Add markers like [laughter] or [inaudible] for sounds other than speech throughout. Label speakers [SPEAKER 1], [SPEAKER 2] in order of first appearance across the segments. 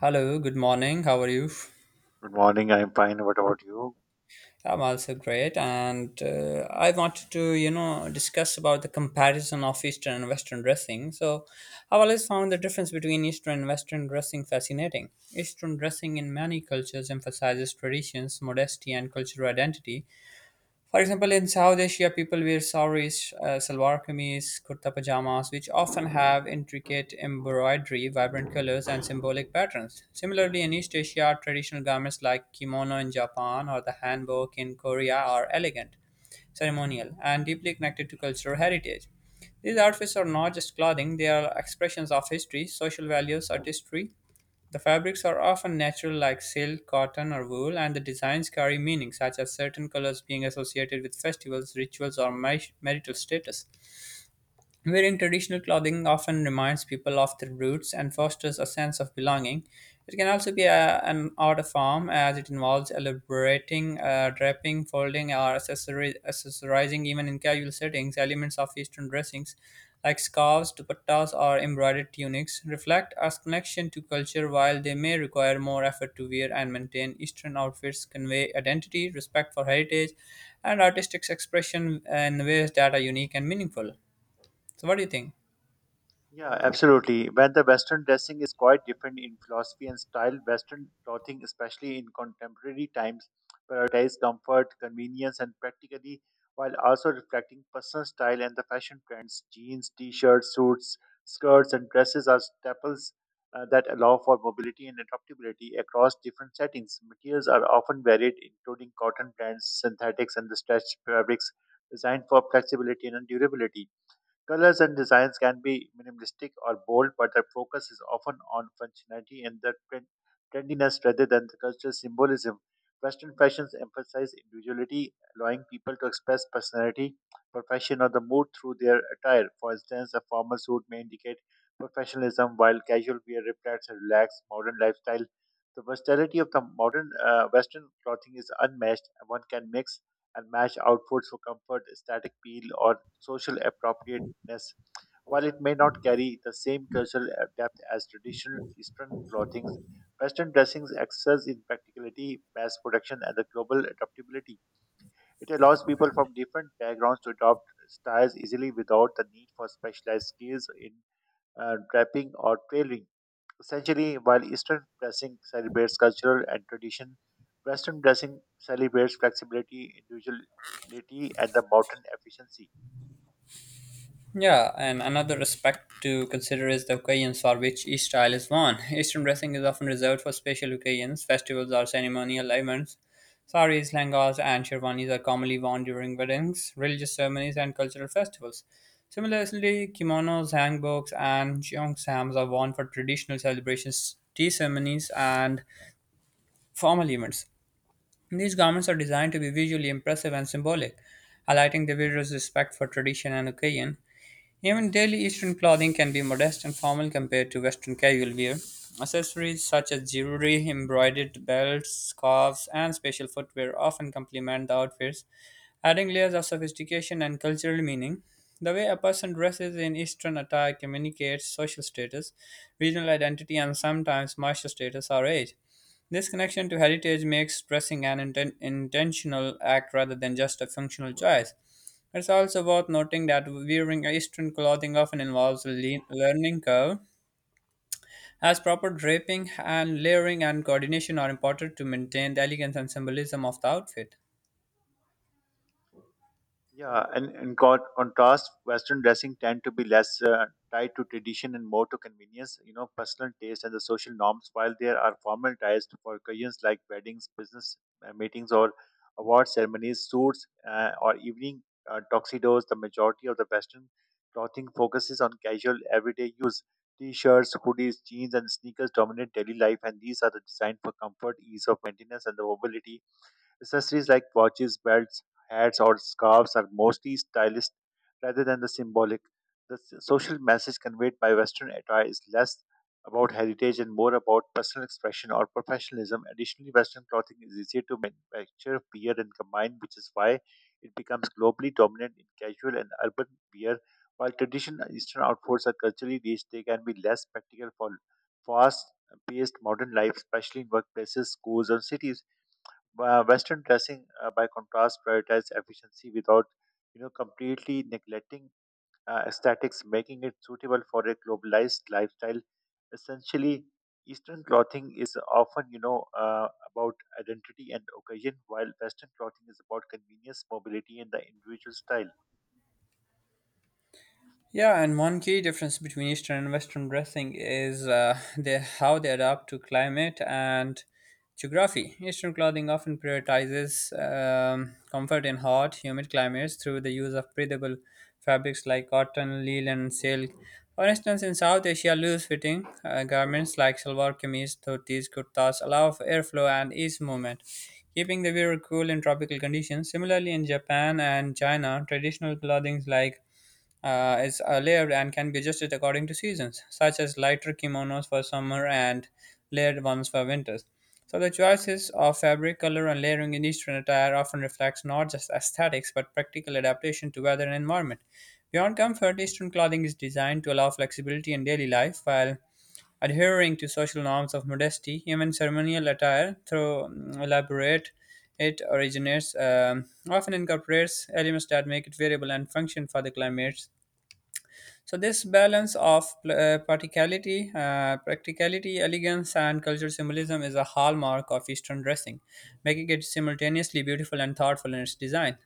[SPEAKER 1] Hello, good morning. How are you?
[SPEAKER 2] Good morning. I'm fine. What about you?
[SPEAKER 1] I'm also great, and I wanted to, discuss about the comparison of Eastern and Western dressing. So, I've always found the difference between Eastern and Western dressing fascinating. Eastern dressing in many cultures emphasizes traditions, modesty, and cultural identity. For example, in South Asia, people wear saris, salwar kameez, kurta pajamas, which often have intricate embroidery, vibrant colors, and symbolic patterns. Similarly, in East Asia, traditional garments like kimono in Japan or the hanbok in Korea are elegant, ceremonial, and deeply connected to cultural heritage. These outfits are not just clothing, they are expressions of history, social values, artistry. The fabrics are often natural like silk, cotton, or wool, and the designs carry meaning, such as certain colors being associated with festivals, rituals, or marital status. Wearing traditional clothing often reminds people of their roots and fosters a sense of belonging. It can also be a, an art form as it involves elaborating, draping, folding, or accessorizing even in casual settings. Elements of Eastern dressings like scarves, dupattas, or embroidered tunics reflect a connection to culture while they may require more effort to wear and maintain. Eastern outfits convey identity, respect for heritage, and artistic expression in ways that are unique and meaningful. So, what do you think?
[SPEAKER 2] Yeah, absolutely. When the Western dressing is quite different in philosophy and style, Western clothing, especially in contemporary times, prioritizes comfort, convenience, and practically, while also reflecting personal style and the fashion trends. Jeans, t-shirts, suits, skirts, and dresses are staples that allow for mobility and adaptability across different settings. Materials are often varied, including cotton blends, synthetics, and the stretch fabrics, designed for flexibility and durability. Colors and designs can be minimalistic or bold, but their focus is often on functionality and the trendiness rather than the cultural symbolism. Western fashions emphasize individuality, allowing people to express personality, profession, or the mood through their attire. For instance, a formal suit may indicate professionalism, while casual wear reflects a relaxed modern lifestyle. The versatility of the modern Western clothing is unmatched. One can mix and match outfits for comfort, aesthetic appeal, or social appropriate uniqueness. While it may not carry the same cultural depth as traditional Eastern clothing, Western dressings excels in practicality, mass production, and the global adaptability. It allows people from different backgrounds to adopt styles easily without the need for specialized skills in draping or tailoring. Essentially, while Eastern dressing celebrates cultural and tradition, Western dressing celebrates flexibility, individuality, and the modern efficiency.
[SPEAKER 1] Yeah, and another aspect to consider is the occasions for which each style is worn. [laughs] Eastern dressing is often reserved for special occasions, festivals, or ceremonial events. Saris, langas, and sherwanis are commonly worn during weddings, religious ceremonies, and cultural festivals. Similarly, kimonos, hanbooks, and cheongsams are worn for traditional celebrations, tea ceremonies, and formal events. These garments are designed to be visually impressive and symbolic, highlighting the wearer's respect for tradition and occasion. Even daily Eastern clothing can be modest and formal compared to Western casual wear. Accessories such as jewelry, embroidered belts, scarves, and special footwear often complement the outfits, adding layers of sophistication and cultural meaning. The way a person dresses in Eastern attire communicates social status, regional identity, and sometimes martial status or age. This connection to heritage makes dressing an intentional act rather than just a functional choice. It's also worth noting that wearing Eastern clothing often involves a learning curve, as proper draping and layering and coordination are important to maintain the elegance and symbolism of the outfit.
[SPEAKER 2] Yeah, and in contrast, Western dressing tend to be less tied to tradition and more to convenience, you know, personal taste and the social norms, while there are formal ties for occasions like weddings, business meetings, or award ceremonies, suits, or evening tuxedos. The majority of the Western clothing focuses on casual, everyday use. T-shirts, hoodies, jeans, and sneakers dominate daily life, and these are the designed for comfort, ease of maintenance, and the mobility. Accessories like watches, belts, hats, or scarves are mostly stylist rather than the symbolic. The social message conveyed by Western attire is less about heritage and more about personal expression or professionalism. Additionally, Western clothing is easier to manufacture, wear, and combine, which is why it becomes globally dominant in casual and urban wear. While traditional Eastern outfits are culturally rich, they can be less practical for fast paced modern life, especially in workplaces, schools, and cities. Western dressing, by contrast, prioritizes efficiency without, you know, completely neglecting aesthetics, making it suitable for a globalized lifestyle. Essentially, Eastern clothing is often, you know, about identity and occasion, while Western clothing is about convenience, mobility, and the individual style.
[SPEAKER 1] Yeah, and one key difference between Eastern and Western dressing is the, how they adapt to climate and geography. Eastern clothing often prioritizes comfort in hot, humid climates through the use of breathable fabrics like cotton, linen, and silk. For instance, in South Asia, loose-fitting garments like salwar kameez, dhotis, kurtas allow for airflow and ease movement, keeping the wearer cool in tropical conditions. Similarly, in Japan and China, traditional clothing like is layered and can be adjusted according to seasons, such as lighter kimonos for summer and layered ones for winters. So the choices of fabric, color, and layering in Eastern attire often reflects not just aesthetics but practical adaptation to weather and environment. Beyond comfort, Eastern clothing is designed to allow flexibility in daily life while adhering to social norms of modesty. Even ceremonial attire, through elaborate it originates, often incorporates elements that make it variable and function for the climates. So this balance of practicality, elegance, and cultural symbolism is a hallmark of Eastern dressing, making it simultaneously beautiful and thoughtful in its design.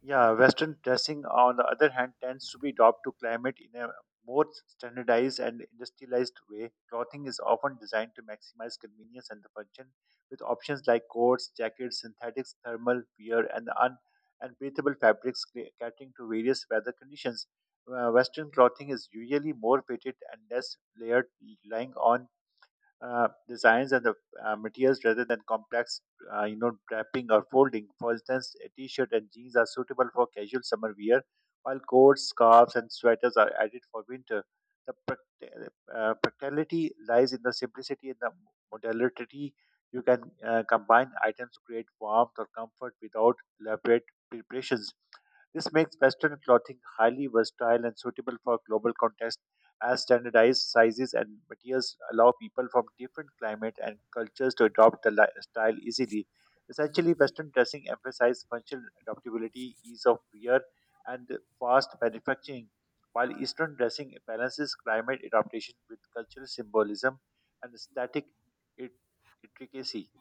[SPEAKER 2] Yeah, Western dressing, on the other hand, tends to be adapted to climate in a more standardized and industrialized way. Clothing is often designed to maximize convenience and the function, with options like coats, jackets, synthetics, thermal wear, and breathable fabrics catering to various weather conditions. Western clothing is usually more fitted and less layered, relying on designs and the materials rather than complex, you know, draping or folding. For instance, a t-shirt and jeans are suitable for casual summer wear, while coats, scarves, and sweaters are added for winter. The practicality lies in the simplicity and the modularity. You can combine items to create warmth or comfort without elaborate preparations. This makes Western clothing highly versatile and suitable for global contexts as standardized sizes and materials allow people from different climate and cultures to adopt the lifestyle easily. Essentially, Western dressing emphasizes functional adaptability, ease of wear, and fast manufacturing, while Eastern dressing balances climate adaptation with cultural symbolism and aesthetic it- intricacy.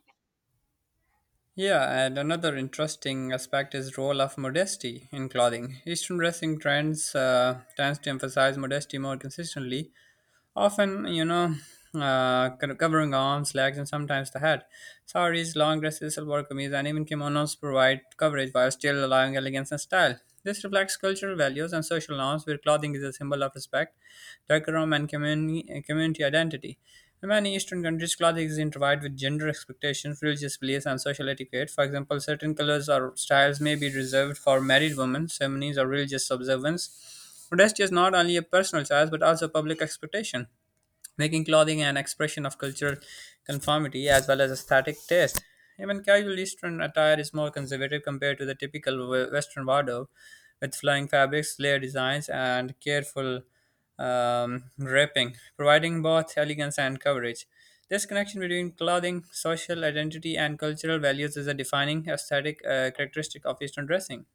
[SPEAKER 1] Yeah, and another interesting aspect is role of modesty in clothing. Eastern dressing trends tends to emphasize modesty more consistently, often covering arms legs and sometimes the head, saris long dresses silver kameez and even kimonos provide coverage while still allowing elegance and style. This reflects cultural values and social norms where clothing is a symbol of respect, decorum, and community identity. In many Eastern countries, clothing is intertwined with gender expectations, religious beliefs, and social etiquette. For example, certain colors or styles may be reserved for married women, ceremonies, or religious observance. Modesty is not only a personal choice but also a public expectation, making clothing an expression of cultural conformity as well as aesthetic taste. Even casual Eastern attire is more conservative compared to the typical Western wardrobe, with flowing fabrics, layered designs, and careful wrapping, providing both elegance and coverage. This connection between clothing, social identity, and cultural values is a defining aesthetic characteristic of Eastern dressing.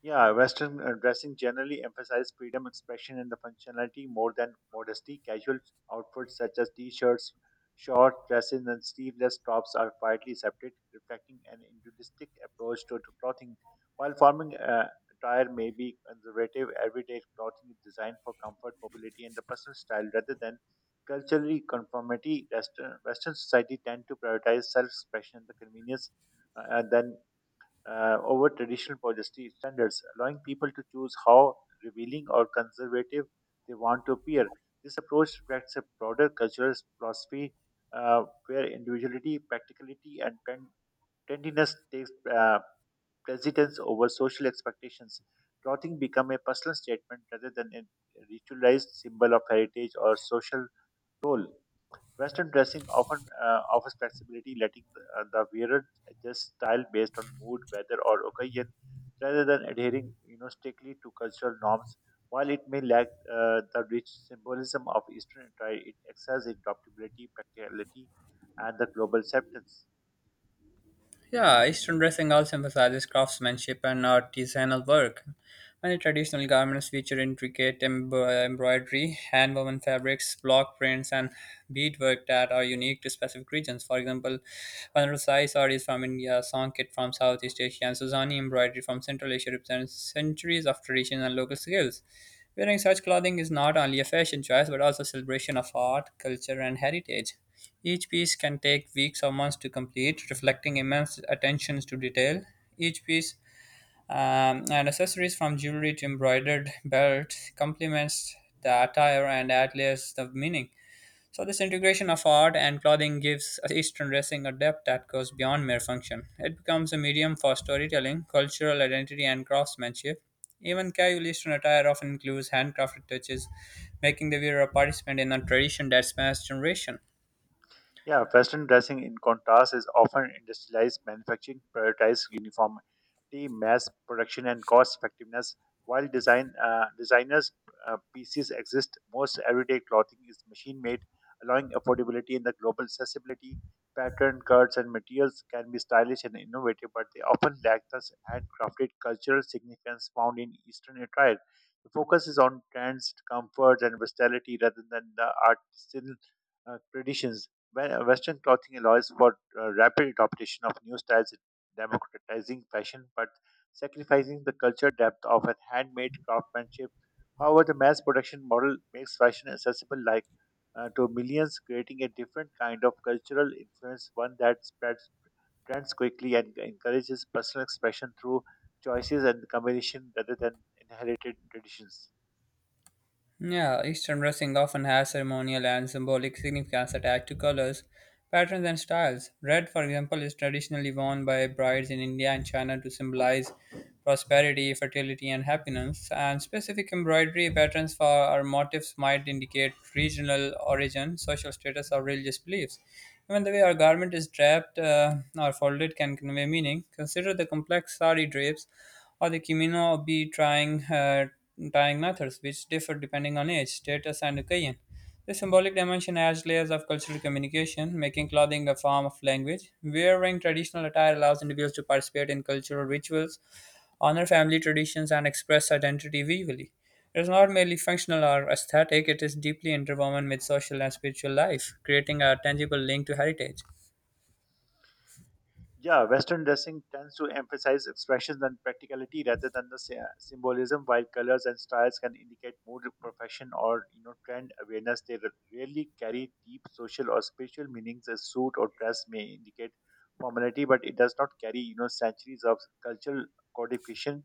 [SPEAKER 2] Yeah, Western dressing generally emphasizes freedom, expression, and the functionality more than modesty. Casual outfits such as t-shirts, short dresses, and sleeveless tops are widely accepted, reflecting an individualistic approach to clothing. While forming attire may be conservative, everyday clothing is designed for comfort, mobility, and the personal style rather than culturally conformity. Western society tend to prioritize self-expression and the convenience than over traditional modesty standards, allowing people to choose how revealing or conservative they want to appear. This approach reflects a broader cultural philosophy where individuality, practicality, and trendiness takes precedence over social expectations. Clothing become a personal statement rather than a ritualized symbol of heritage or social role. Western dressing often offers flexibility, letting the wearer adjust style based on mood, weather, or occasion, rather than adhering, you know, strictly to cultural norms. While it may lack the rich symbolism of Eastern attire, it excels in adaptability, practicality, and the global acceptance.
[SPEAKER 1] Yeah, Eastern dressing also emphasizes craftsmanship and artisanal work. Many traditional garments feature intricate embroidery, hand-woven fabrics, block prints, and beadwork that are unique to specific regions. For example, Vanarasi sari is from India, Songkit from Southeast Asia, and Suzani embroidery from Central Asia represents centuries of tradition and local skills. Wearing such clothing is not only a fashion choice but also a celebration of art, culture, and heritage. Each piece can take weeks or months to complete, reflecting immense attention to detail. Each piece and accessories from jewelry to embroidered belt complements the attire and adds layers of meaning. So, this integration of art and clothing gives Eastern dressing a depth that goes beyond mere function. It becomes a medium for storytelling, cultural identity, and craftsmanship. Even casual Eastern attire often includes handcrafted touches, making the wearer a participant in a tradition that spans generations.
[SPEAKER 2] Yeah, Western dressing in contrast is often industrialized manufacturing, prioritizes uniformity, mass production, and cost effectiveness. While designers' pieces exist, most everyday clothing is machine-made, allowing affordability in the global accessibility. Pattern, cuts, and materials can be stylish and innovative, but they often lack the handcrafted cultural significance found in Eastern attire. The focus is on trends, comfort, and versatility rather than the artisanal traditions. Western clothing allows for rapid adoption of new styles, democratizing fashion, but sacrificing the cultural depth of a handmade craftsmanship. However, the mass production model makes fashion accessible like to millions, creating a different kind of cultural influence, one that spreads trends quickly and encourages personal expression through choices and combination rather than inherited traditions.
[SPEAKER 1] Yeah, Eastern dressing often has ceremonial and symbolic significance attached to colors, patterns, and styles. Red, for example, is traditionally worn by brides in India and China to symbolize prosperity, fertility, and happiness. And specific embroidery patterns for our motifs might indicate regional origin, social status, or religious beliefs. Even the way our garment is draped or folded can convey meaning. Consider the complex sari drapes or the Kimino be trying tying methods, which differ depending on age, status, and occasion. The symbolic dimension adds layers of cultural communication, making clothing a form of language. Wearing traditional attire allows individuals to participate in cultural rituals, honor family traditions, and express identity visually. It is not merely functional or aesthetic, it is deeply interwoven with social and spiritual life, creating a tangible link to heritage.
[SPEAKER 2] Yeah, Western dressing tends to emphasize expressions and practicality rather than the symbolism, while colors and styles can indicate mood, profession, or you know trend awareness. They rarely carry deep social or spiritual meanings. A suit or dress may indicate formality, but it does not carry you know centuries of cultural codification.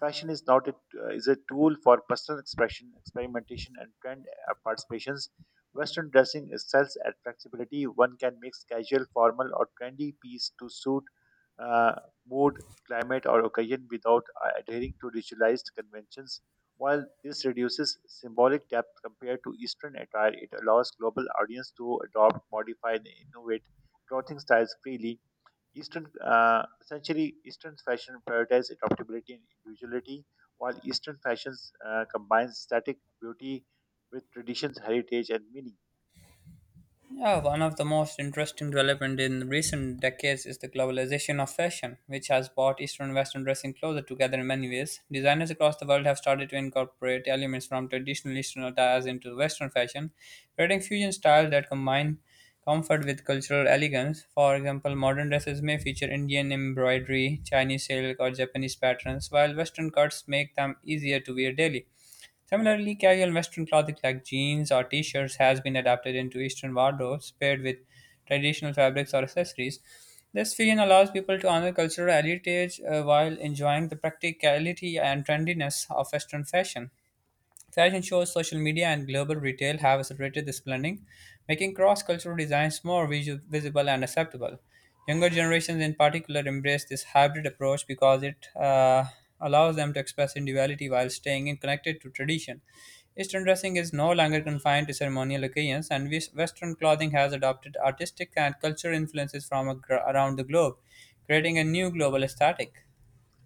[SPEAKER 2] Fashion is not a, is a tool for personal expression, experimentation, and trend participations. Western dressing excels at flexibility. One can mix casual, formal, or trendy piece to suit uh, mood, climate, or occasion without adhering to ritualized conventions. While this reduces symbolic depth compared to Eastern attire, it allows global audience to adopt, modify, and innovate clothing styles freely. Eastern essentially Eastern fashion prioritizes adaptability and individuality, while Eastern fashions combines static beauty with traditions, heritage, and meaning.
[SPEAKER 1] Yeah, one of the most interesting development in recent decades is the globalization of fashion, which has brought Eastern and Western dressing closer together in many ways. Designers across the world have started to incorporate elements from traditional Eastern attires into Western fashion, creating fusion styles that combine comfort with cultural elegance. For example, modern dresses may feature Indian embroidery, Chinese silk, or Japanese patterns, while Western cuts make them easier to wear daily. Similarly, casual Western clothing like jeans or t-shirts has been adapted into Eastern wardrobes paired with traditional fabrics or accessories. This fusion allows people to honor cultural heritage while enjoying the practicality and trendiness of Western fashion. Fashion shows, social media, and global retail have accelerated this blending, making cross cultural designs more visible and acceptable. Younger generations, in particular, embrace this hybrid approach because it allows them to express individuality while staying connected to tradition. Eastern dressing is no longer confined to ceremonial occasions, and Western clothing has adopted artistic and cultural influences from around the globe, creating a new global aesthetic.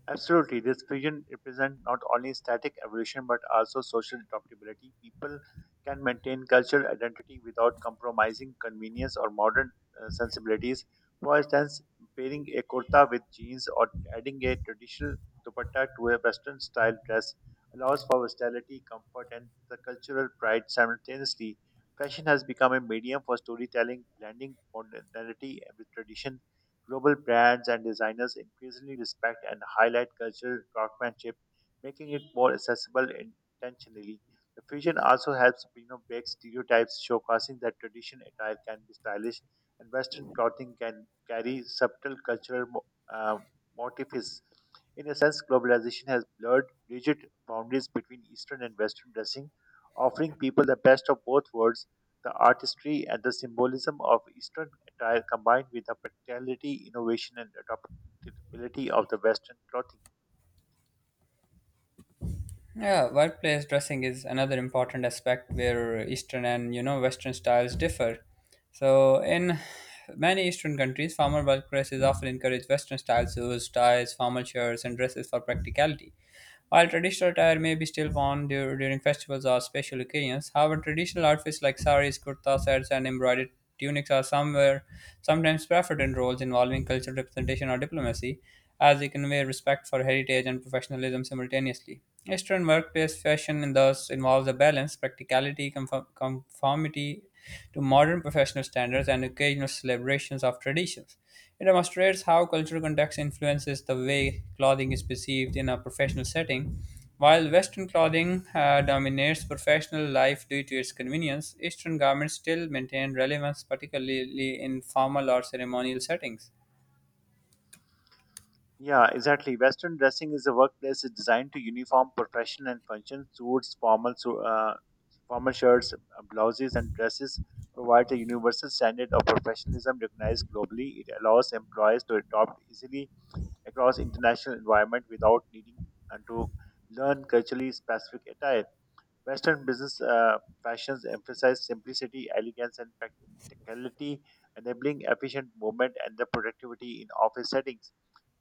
[SPEAKER 2] Absolutely, this vision represents not only static evolution but also social adaptability. People can maintain cultural identity without compromising convenience or modern sensibilities. For instance, pairing a kurta with jeans or adding a traditional dupatta to a Western style dress allows for versatility, comfort, and the cultural pride simultaneously. Fashion has become a medium for storytelling, blending modernity with tradition. Global brands and designers increasingly respect and highlight cultural craftsmanship, making it more accessible intentionally. The fusion also helps you know, break stereotypes, showcasing that traditional attire can be stylish and Western clothing can carry subtle cultural uh, motifs. In a sense, globalization has blurred rigid boundaries between Eastern and Western dressing, offering people the best of both worlds. The artistry and the symbolism of Eastern attire combined with the practicality, innovation, and adaptability of the Western clothing.
[SPEAKER 1] Yeah, workplace dressing is another important aspect where Eastern and you know Western styles differ. So in many Eastern countries, formal workplaces often encourage Western style suits, ties, formal shirts, and dresses for practicality. While traditional attire may be still worn during festivals or special occasions, however, traditional outfits like saris, kurtas, sets, and embroidered tunics are somewhere sometimes preferred in roles involving cultural representation or diplomacy, as they convey respect for heritage and professionalism simultaneously. Eastern workplace fashion thus involves a balance, practicality, conformity to modern professional standards, and occasional celebrations of traditions. It demonstrates how cultural context influences the way clothing is perceived in a professional setting while Western clothing dominates professional life due to its convenience, Eastern garments still maintain relevance, particularly in formal or ceremonial settings.
[SPEAKER 2] Yeah, exactly. Western dressing is a workplace is designed to uniform profession and function. Suits, formal shirts, blouses, and dresses provide a universal standard of professionalism recognized globally. It allows employees to adopt easily across international environment without needing to learn culturally specific attire. Western business fashions emphasize simplicity, elegance, and practicality, enabling efficient movement and the productivity in office settings.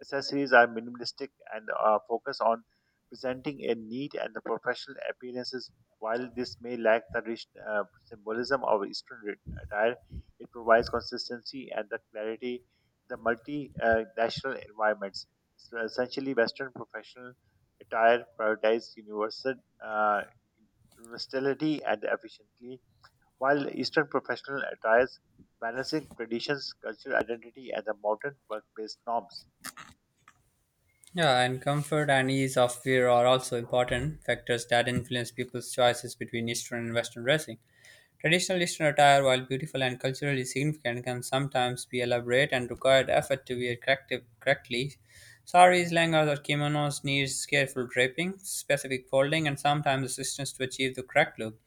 [SPEAKER 2] Accessories are minimalistic and focus on presenting a neat and the professional appearances. While this may lack the rich symbolism of Eastern attire, it provides consistency and the clarity the multinational environments. So essentially, Western professional attire prioritizes universal. Uh, Versatility and efficiently, while Eastern professional attires balancing traditions, cultural identity, and the modern workplace norms.
[SPEAKER 1] Yeah, and comfort and ease of wear are also important factors that influence people's choices between Eastern and Western dressing. Traditional Eastern attire, while beautiful and culturally significant, can sometimes be elaborate and require effort to wear correctly. Saris, langas, or kimonos needs careful draping, specific folding, and sometimes assistance to achieve the correct look.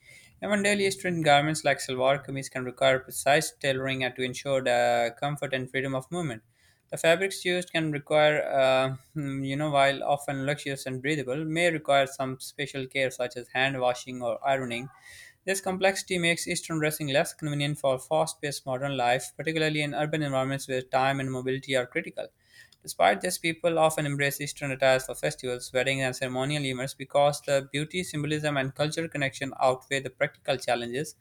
[SPEAKER 1] Even daily Eastern garments like salwar kameez can require precise tailoring and to ensure the comfort and freedom of movement. The fabrics used can require, while often luxurious and breathable, may require some special care such as hand washing or ironing. This complexity makes Eastern dressing less convenient for fast paced modern life, particularly in urban environments where time and mobility are critical. Despite this, people often embrace Eastern attires for festivals, weddings, and ceremonial events because the beauty, symbolism, and cultural connection outweigh the practical challenges.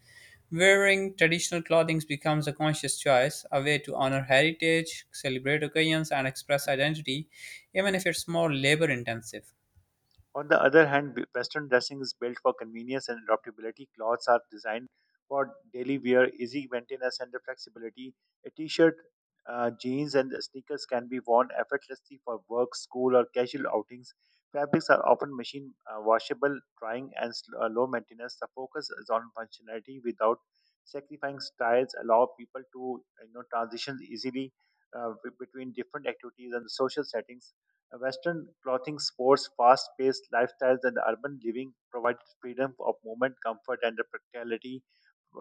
[SPEAKER 1] Wearing traditional clothing becomes a conscious choice, a way to honor heritage, celebrate occasions, and express identity, even if it's more labor intensive.
[SPEAKER 2] On the other hand, Western dressing is built for convenience and adaptability. Clothes are designed for daily wear, easy maintenance, and the flexibility. A t shirt, jeans, and sneakers can be worn effortlessly for work, school, or casual outings. Fabrics are often machine washable, drying, and low maintenance. The focus is on functionality without sacrificing styles, allow people to you know transition easily between different activities and social settings. Western clothing sports fast paced lifestyles and urban living provided freedom of movement, comfort, and the practicality.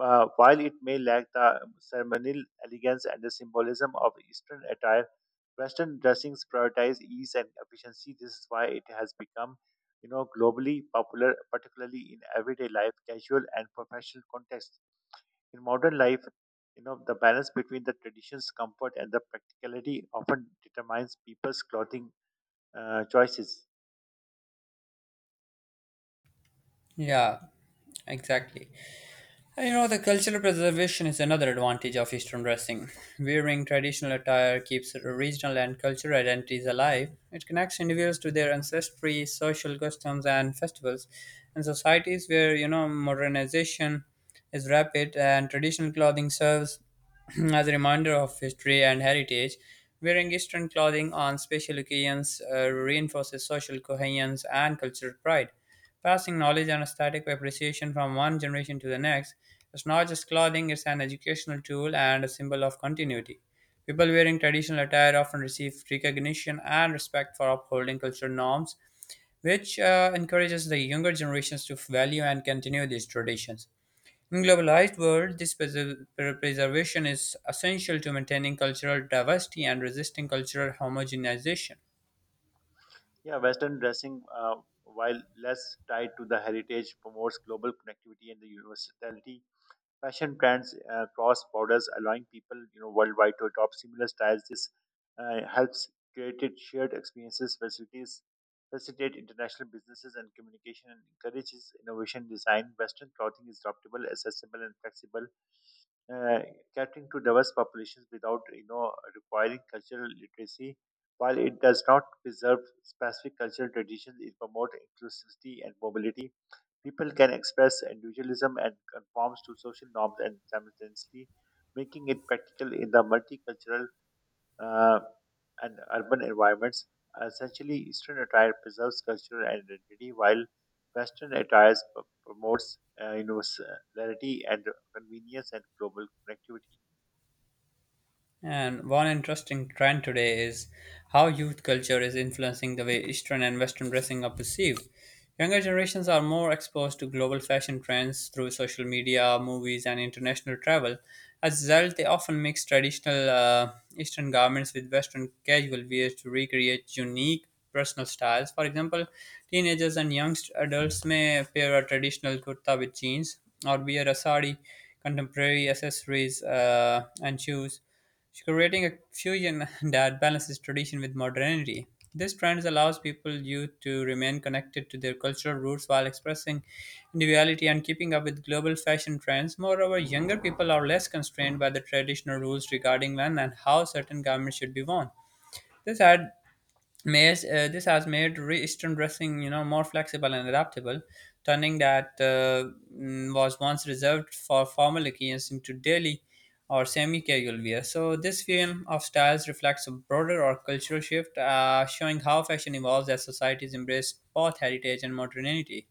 [SPEAKER 2] While it may lack the ceremonial elegance and the symbolism of Eastern attire, Western dressings prioritize ease and efficiency. This is why it has become you know, globally popular, particularly in everyday life, casual, and professional contexts. In modern life, you know, the balance between the traditions, comfort, and the practicality often determines people's clothing choices.
[SPEAKER 1] Yeah, exactly. You know, the cultural preservation is another advantage of Eastern dressing. Wearing traditional attire keeps regional and cultural identities alive. It connects individuals to their ancestry, social customs, and festivals. In societies where, you know, modernization is rapid and traditional clothing serves [clears throat] as a reminder of history and heritage, wearing Eastern clothing on special occasions reinforces social cohesion and cultural pride. Passing knowledge and aesthetic appreciation from one generation to the next is not just clothing, it's an educational tool and a symbol of continuity. People wearing traditional attire often receive recognition and respect for upholding cultural norms, which encourages the younger generations to value and continue these traditions. In globalized world, this preservation is essential to maintaining cultural diversity and resisting cultural homogenization.
[SPEAKER 2] Yeah, Western dressing, while less tied to the heritage, promotes global connectivity and the universality. Fashion trends cross borders, allowing people you know worldwide to adopt similar styles. This helps create shared experiences, facilitate international businesses and communication, and encourages innovation design. Western clothing is adaptable, accessible, and flexible, uh, catering to diverse populations without requiring cultural literacy. While it does not preserve specific cultural traditions, it promotes inclusivity and mobility. People can express individualism and conforms to social norms and simultaneously making it practical in the multicultural uh, and urban environments. Essentially, Eastern attire preserves cultural identity while Western attire promotes universality and convenience and global connectivity.
[SPEAKER 1] And one interesting trend today is how youth culture is influencing the way Eastern and Western dressing are perceived. Younger generations are more exposed to global fashion trends through social media, movies, and international travel. As a result, they often mix traditional Eastern garments with Western casual wear to recreate unique personal styles. For example, teenagers and young adults may pair a traditional kurta with jeans or wear a sari, contemporary accessories, and shoes. She's creating a fusion [laughs] that balances tradition with modernity. This trend allows people youth to remain connected to their cultural roots while expressing individuality and keeping up with global fashion trends. Moreover, younger people are less constrained by the traditional rules regarding when and how certain garments should be worn. This ad- this has made Eastern dressing, you know, more flexible and adaptable, turning that was once reserved for formal occasions into daily or semi-casual wear. So this film of styles reflects a broader or cultural shift, showing how fashion evolves as societies embrace both heritage and modernity.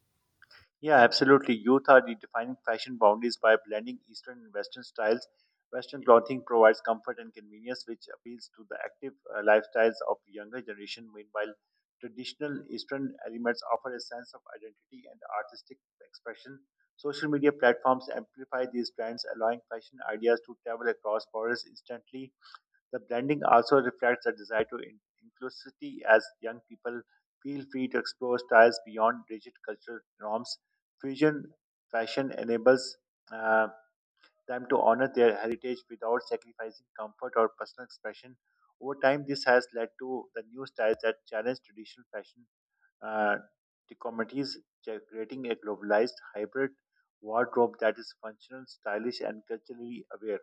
[SPEAKER 2] Yeah, absolutely. Youth are redefining fashion boundaries by blending Eastern and Western styles. Western clothing provides comfort and convenience, which appeals to the active lifestyles of younger generation. Meanwhile, traditional Eastern elements offer a sense of identity and artistic expression. Social media platforms amplify these trends, allowing fashion ideas to travel across borders instantly. The blending also reflects a desire to inclusivity as young people feel free to explore styles beyond rigid cultural norms. Fusion fashion enables uh, them to honor their heritage without sacrificing comfort or personal expression. Over time, this has led to the new styles that challenge traditional fashion uh, dichotomies, creating a globalized hybrid wardrobe that is functional, stylish, and culturally aware.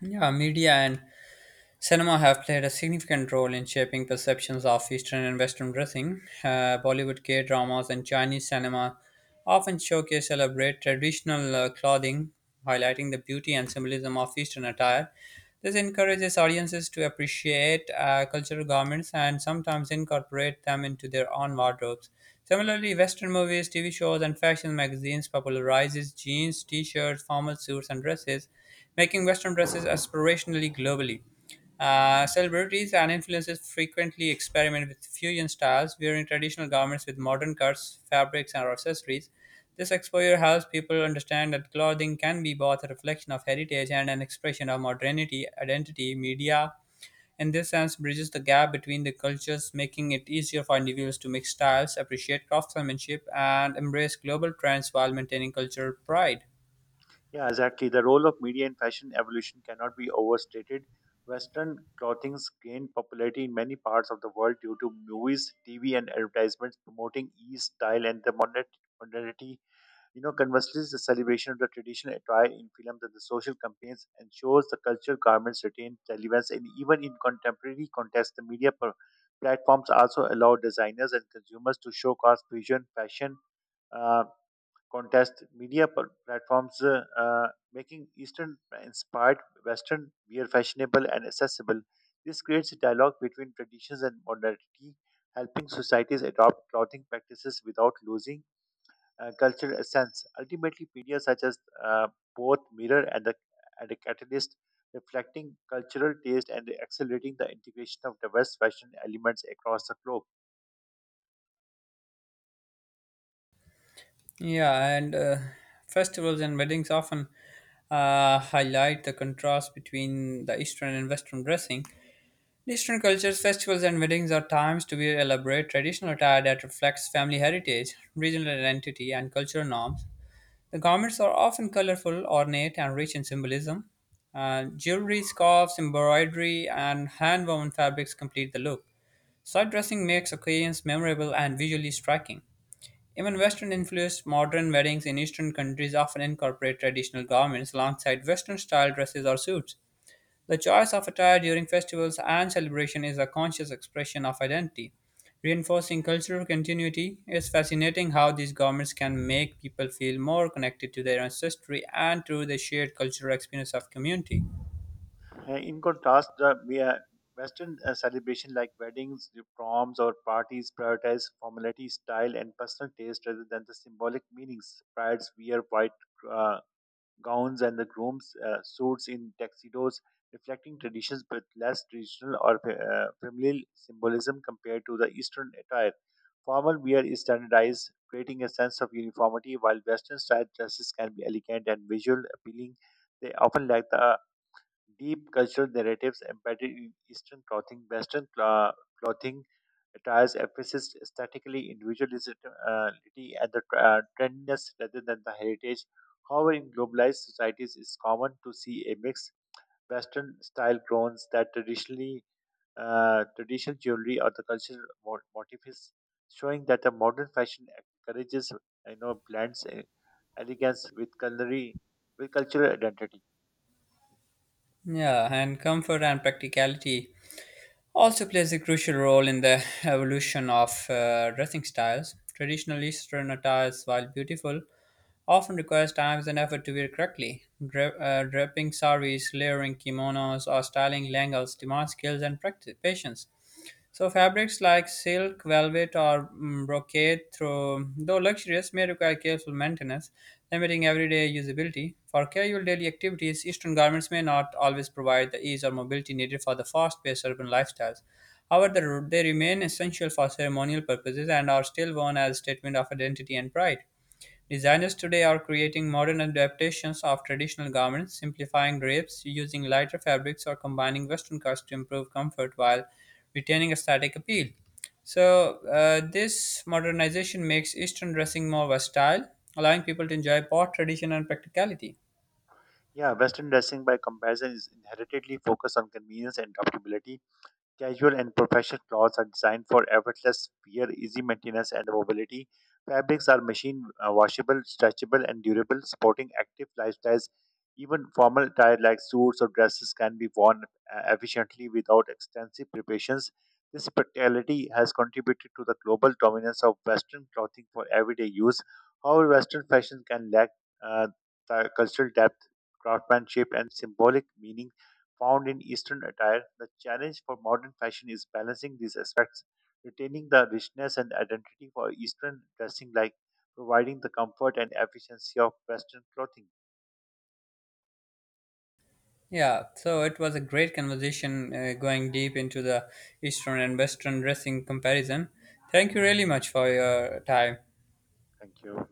[SPEAKER 1] Yeah, media and cinema have played a significant role in shaping perceptions of Eastern and Western dressing. Bollywood K dramas and Chinese cinema often showcase elaborate traditional clothing, highlighting the beauty and symbolism of Eastern attire. This encourages audiences to appreciate cultural garments and sometimes incorporate them into their own wardrobes. Similarly, Western movies, TV shows, and fashion magazines popularizes jeans, t-shirts, formal suits, and dresses, making Western dresses aspirationally globally. Celebrities and influencers frequently experiment with fusion styles, wearing traditional garments with modern cuts, fabrics, and accessories. This exposure helps people understand that clothing can be both a reflection of heritage and an expression of modernity, identity, media. In this sense, bridges the gap between the cultures, making it easier for individuals to mix styles, appreciate craftsmanship, and embrace global trends while maintaining cultural pride.
[SPEAKER 2] Yeah, exactly. The role of media in fashion evolution cannot be overstated. Western clothing's gained popularity in many parts of the world due to movies, TV, and advertisements promoting ease, style, and the modernity. You know, conversely, the celebration of the tradition attire in films and the social campaigns ensures the cultural garments retain relevance. And even in contemporary context, the platforms also allow designers and consumers to showcase fusion fashion uh, contest making Eastern inspired Western wear fashionable and accessible. This creates a dialogue between traditions and modernity, helping societies adopt clothing practices without losing cultural essence. Ultimately, media such as uh, both mirror and the and a catalyst reflecting cultural taste and accelerating the integration of diverse fashion elements across the globe.
[SPEAKER 1] Yeah, and festivals and weddings often highlight the contrast between the Eastern and Western dressing. In Eastern cultures, festivals and weddings are times to wear elaborate traditional attire that reflects family heritage, regional identity, and cultural norms. The garments are often colorful, ornate, and rich in symbolism. Jewelry, scarves, embroidery, and hand woven fabrics complete the look. Side dressing makes occasions memorable and visually striking. Even Western influenced modern weddings in Eastern countries often incorporate traditional garments alongside Western style dresses or suits. The choice of attire during festivals and celebration is a conscious expression of identity. Reinforcing cultural continuity. It's fascinating how these garments can make people feel more connected to their ancestry and to the shared cultural experience of community.
[SPEAKER 2] In contrast, the Western celebration like weddings, the proms, or parties prioritize formality, style, and personal taste rather than the symbolic meanings. Brides wear white uh, gowns and the grooms suits in tuxedos, reflecting traditions but less traditional or familial symbolism compared to the Eastern attire. Formal wear is standardized, creating a sense of uniformity, while Western style dresses can be elegant and visual appealing. They often lack the deep cultural narratives embedded in Eastern clothing, Western clothing attires emphasis aesthetically individuality and the trendiness rather than the heritage. However, in globalized societies, it's common to see a mixed Western style clones that traditionally traditional jewelry or the motifs, showing that the modern fashion encourages blends elegance with culinary with cultural identity.
[SPEAKER 1] Yeah, and comfort and practicality also plays a crucial role in the evolution of dressing styles. Traditional Eastern attires, while beautiful, often requires time and effort to wear correctly. Draping saris, layering kimonos, or styling langals demand skills and practice, patience. So fabrics like silk, velvet, or brocade, through, though luxurious, may require careful maintenance, limiting everyday usability. For casual daily activities, Eastern garments may not always provide the ease or mobility needed for the fast-paced urban lifestyles. However, they remain essential for ceremonial purposes and are still worn as a statement of identity and pride. Designers today are creating modern adaptations of traditional garments, simplifying drapes, using lighter fabrics, or combining Western cuts to improve comfort while retaining aesthetic appeal. So, this modernization makes Eastern dressing more versatile, allowing people to enjoy both tradition and practicality.
[SPEAKER 2] Yeah, Western dressing by comparison is inheritedly focused on convenience and adaptability. Casual and professional clothes are designed for effortless wear, easy maintenance, and mobility. Fabrics are machine washable, stretchable, and durable, supporting active lifestyles. Even formal attire like suits or dresses can be worn efficiently without extensive preparations. This practicality has contributed to the global dominance of Western clothing for everyday use. However, Western fashion can lack uh, the cultural depth, craftsmanship, and symbolic meaning found in Eastern attire, the challenge for modern fashion is balancing these aspects, retaining the richness and identity for Eastern dressing, like providing the comfort and efficiency of Western clothing.
[SPEAKER 1] Yeah, so it was a great conversation going deep into the Eastern and Western dressing comparison. Thank you really much for your time.
[SPEAKER 2] Thank you.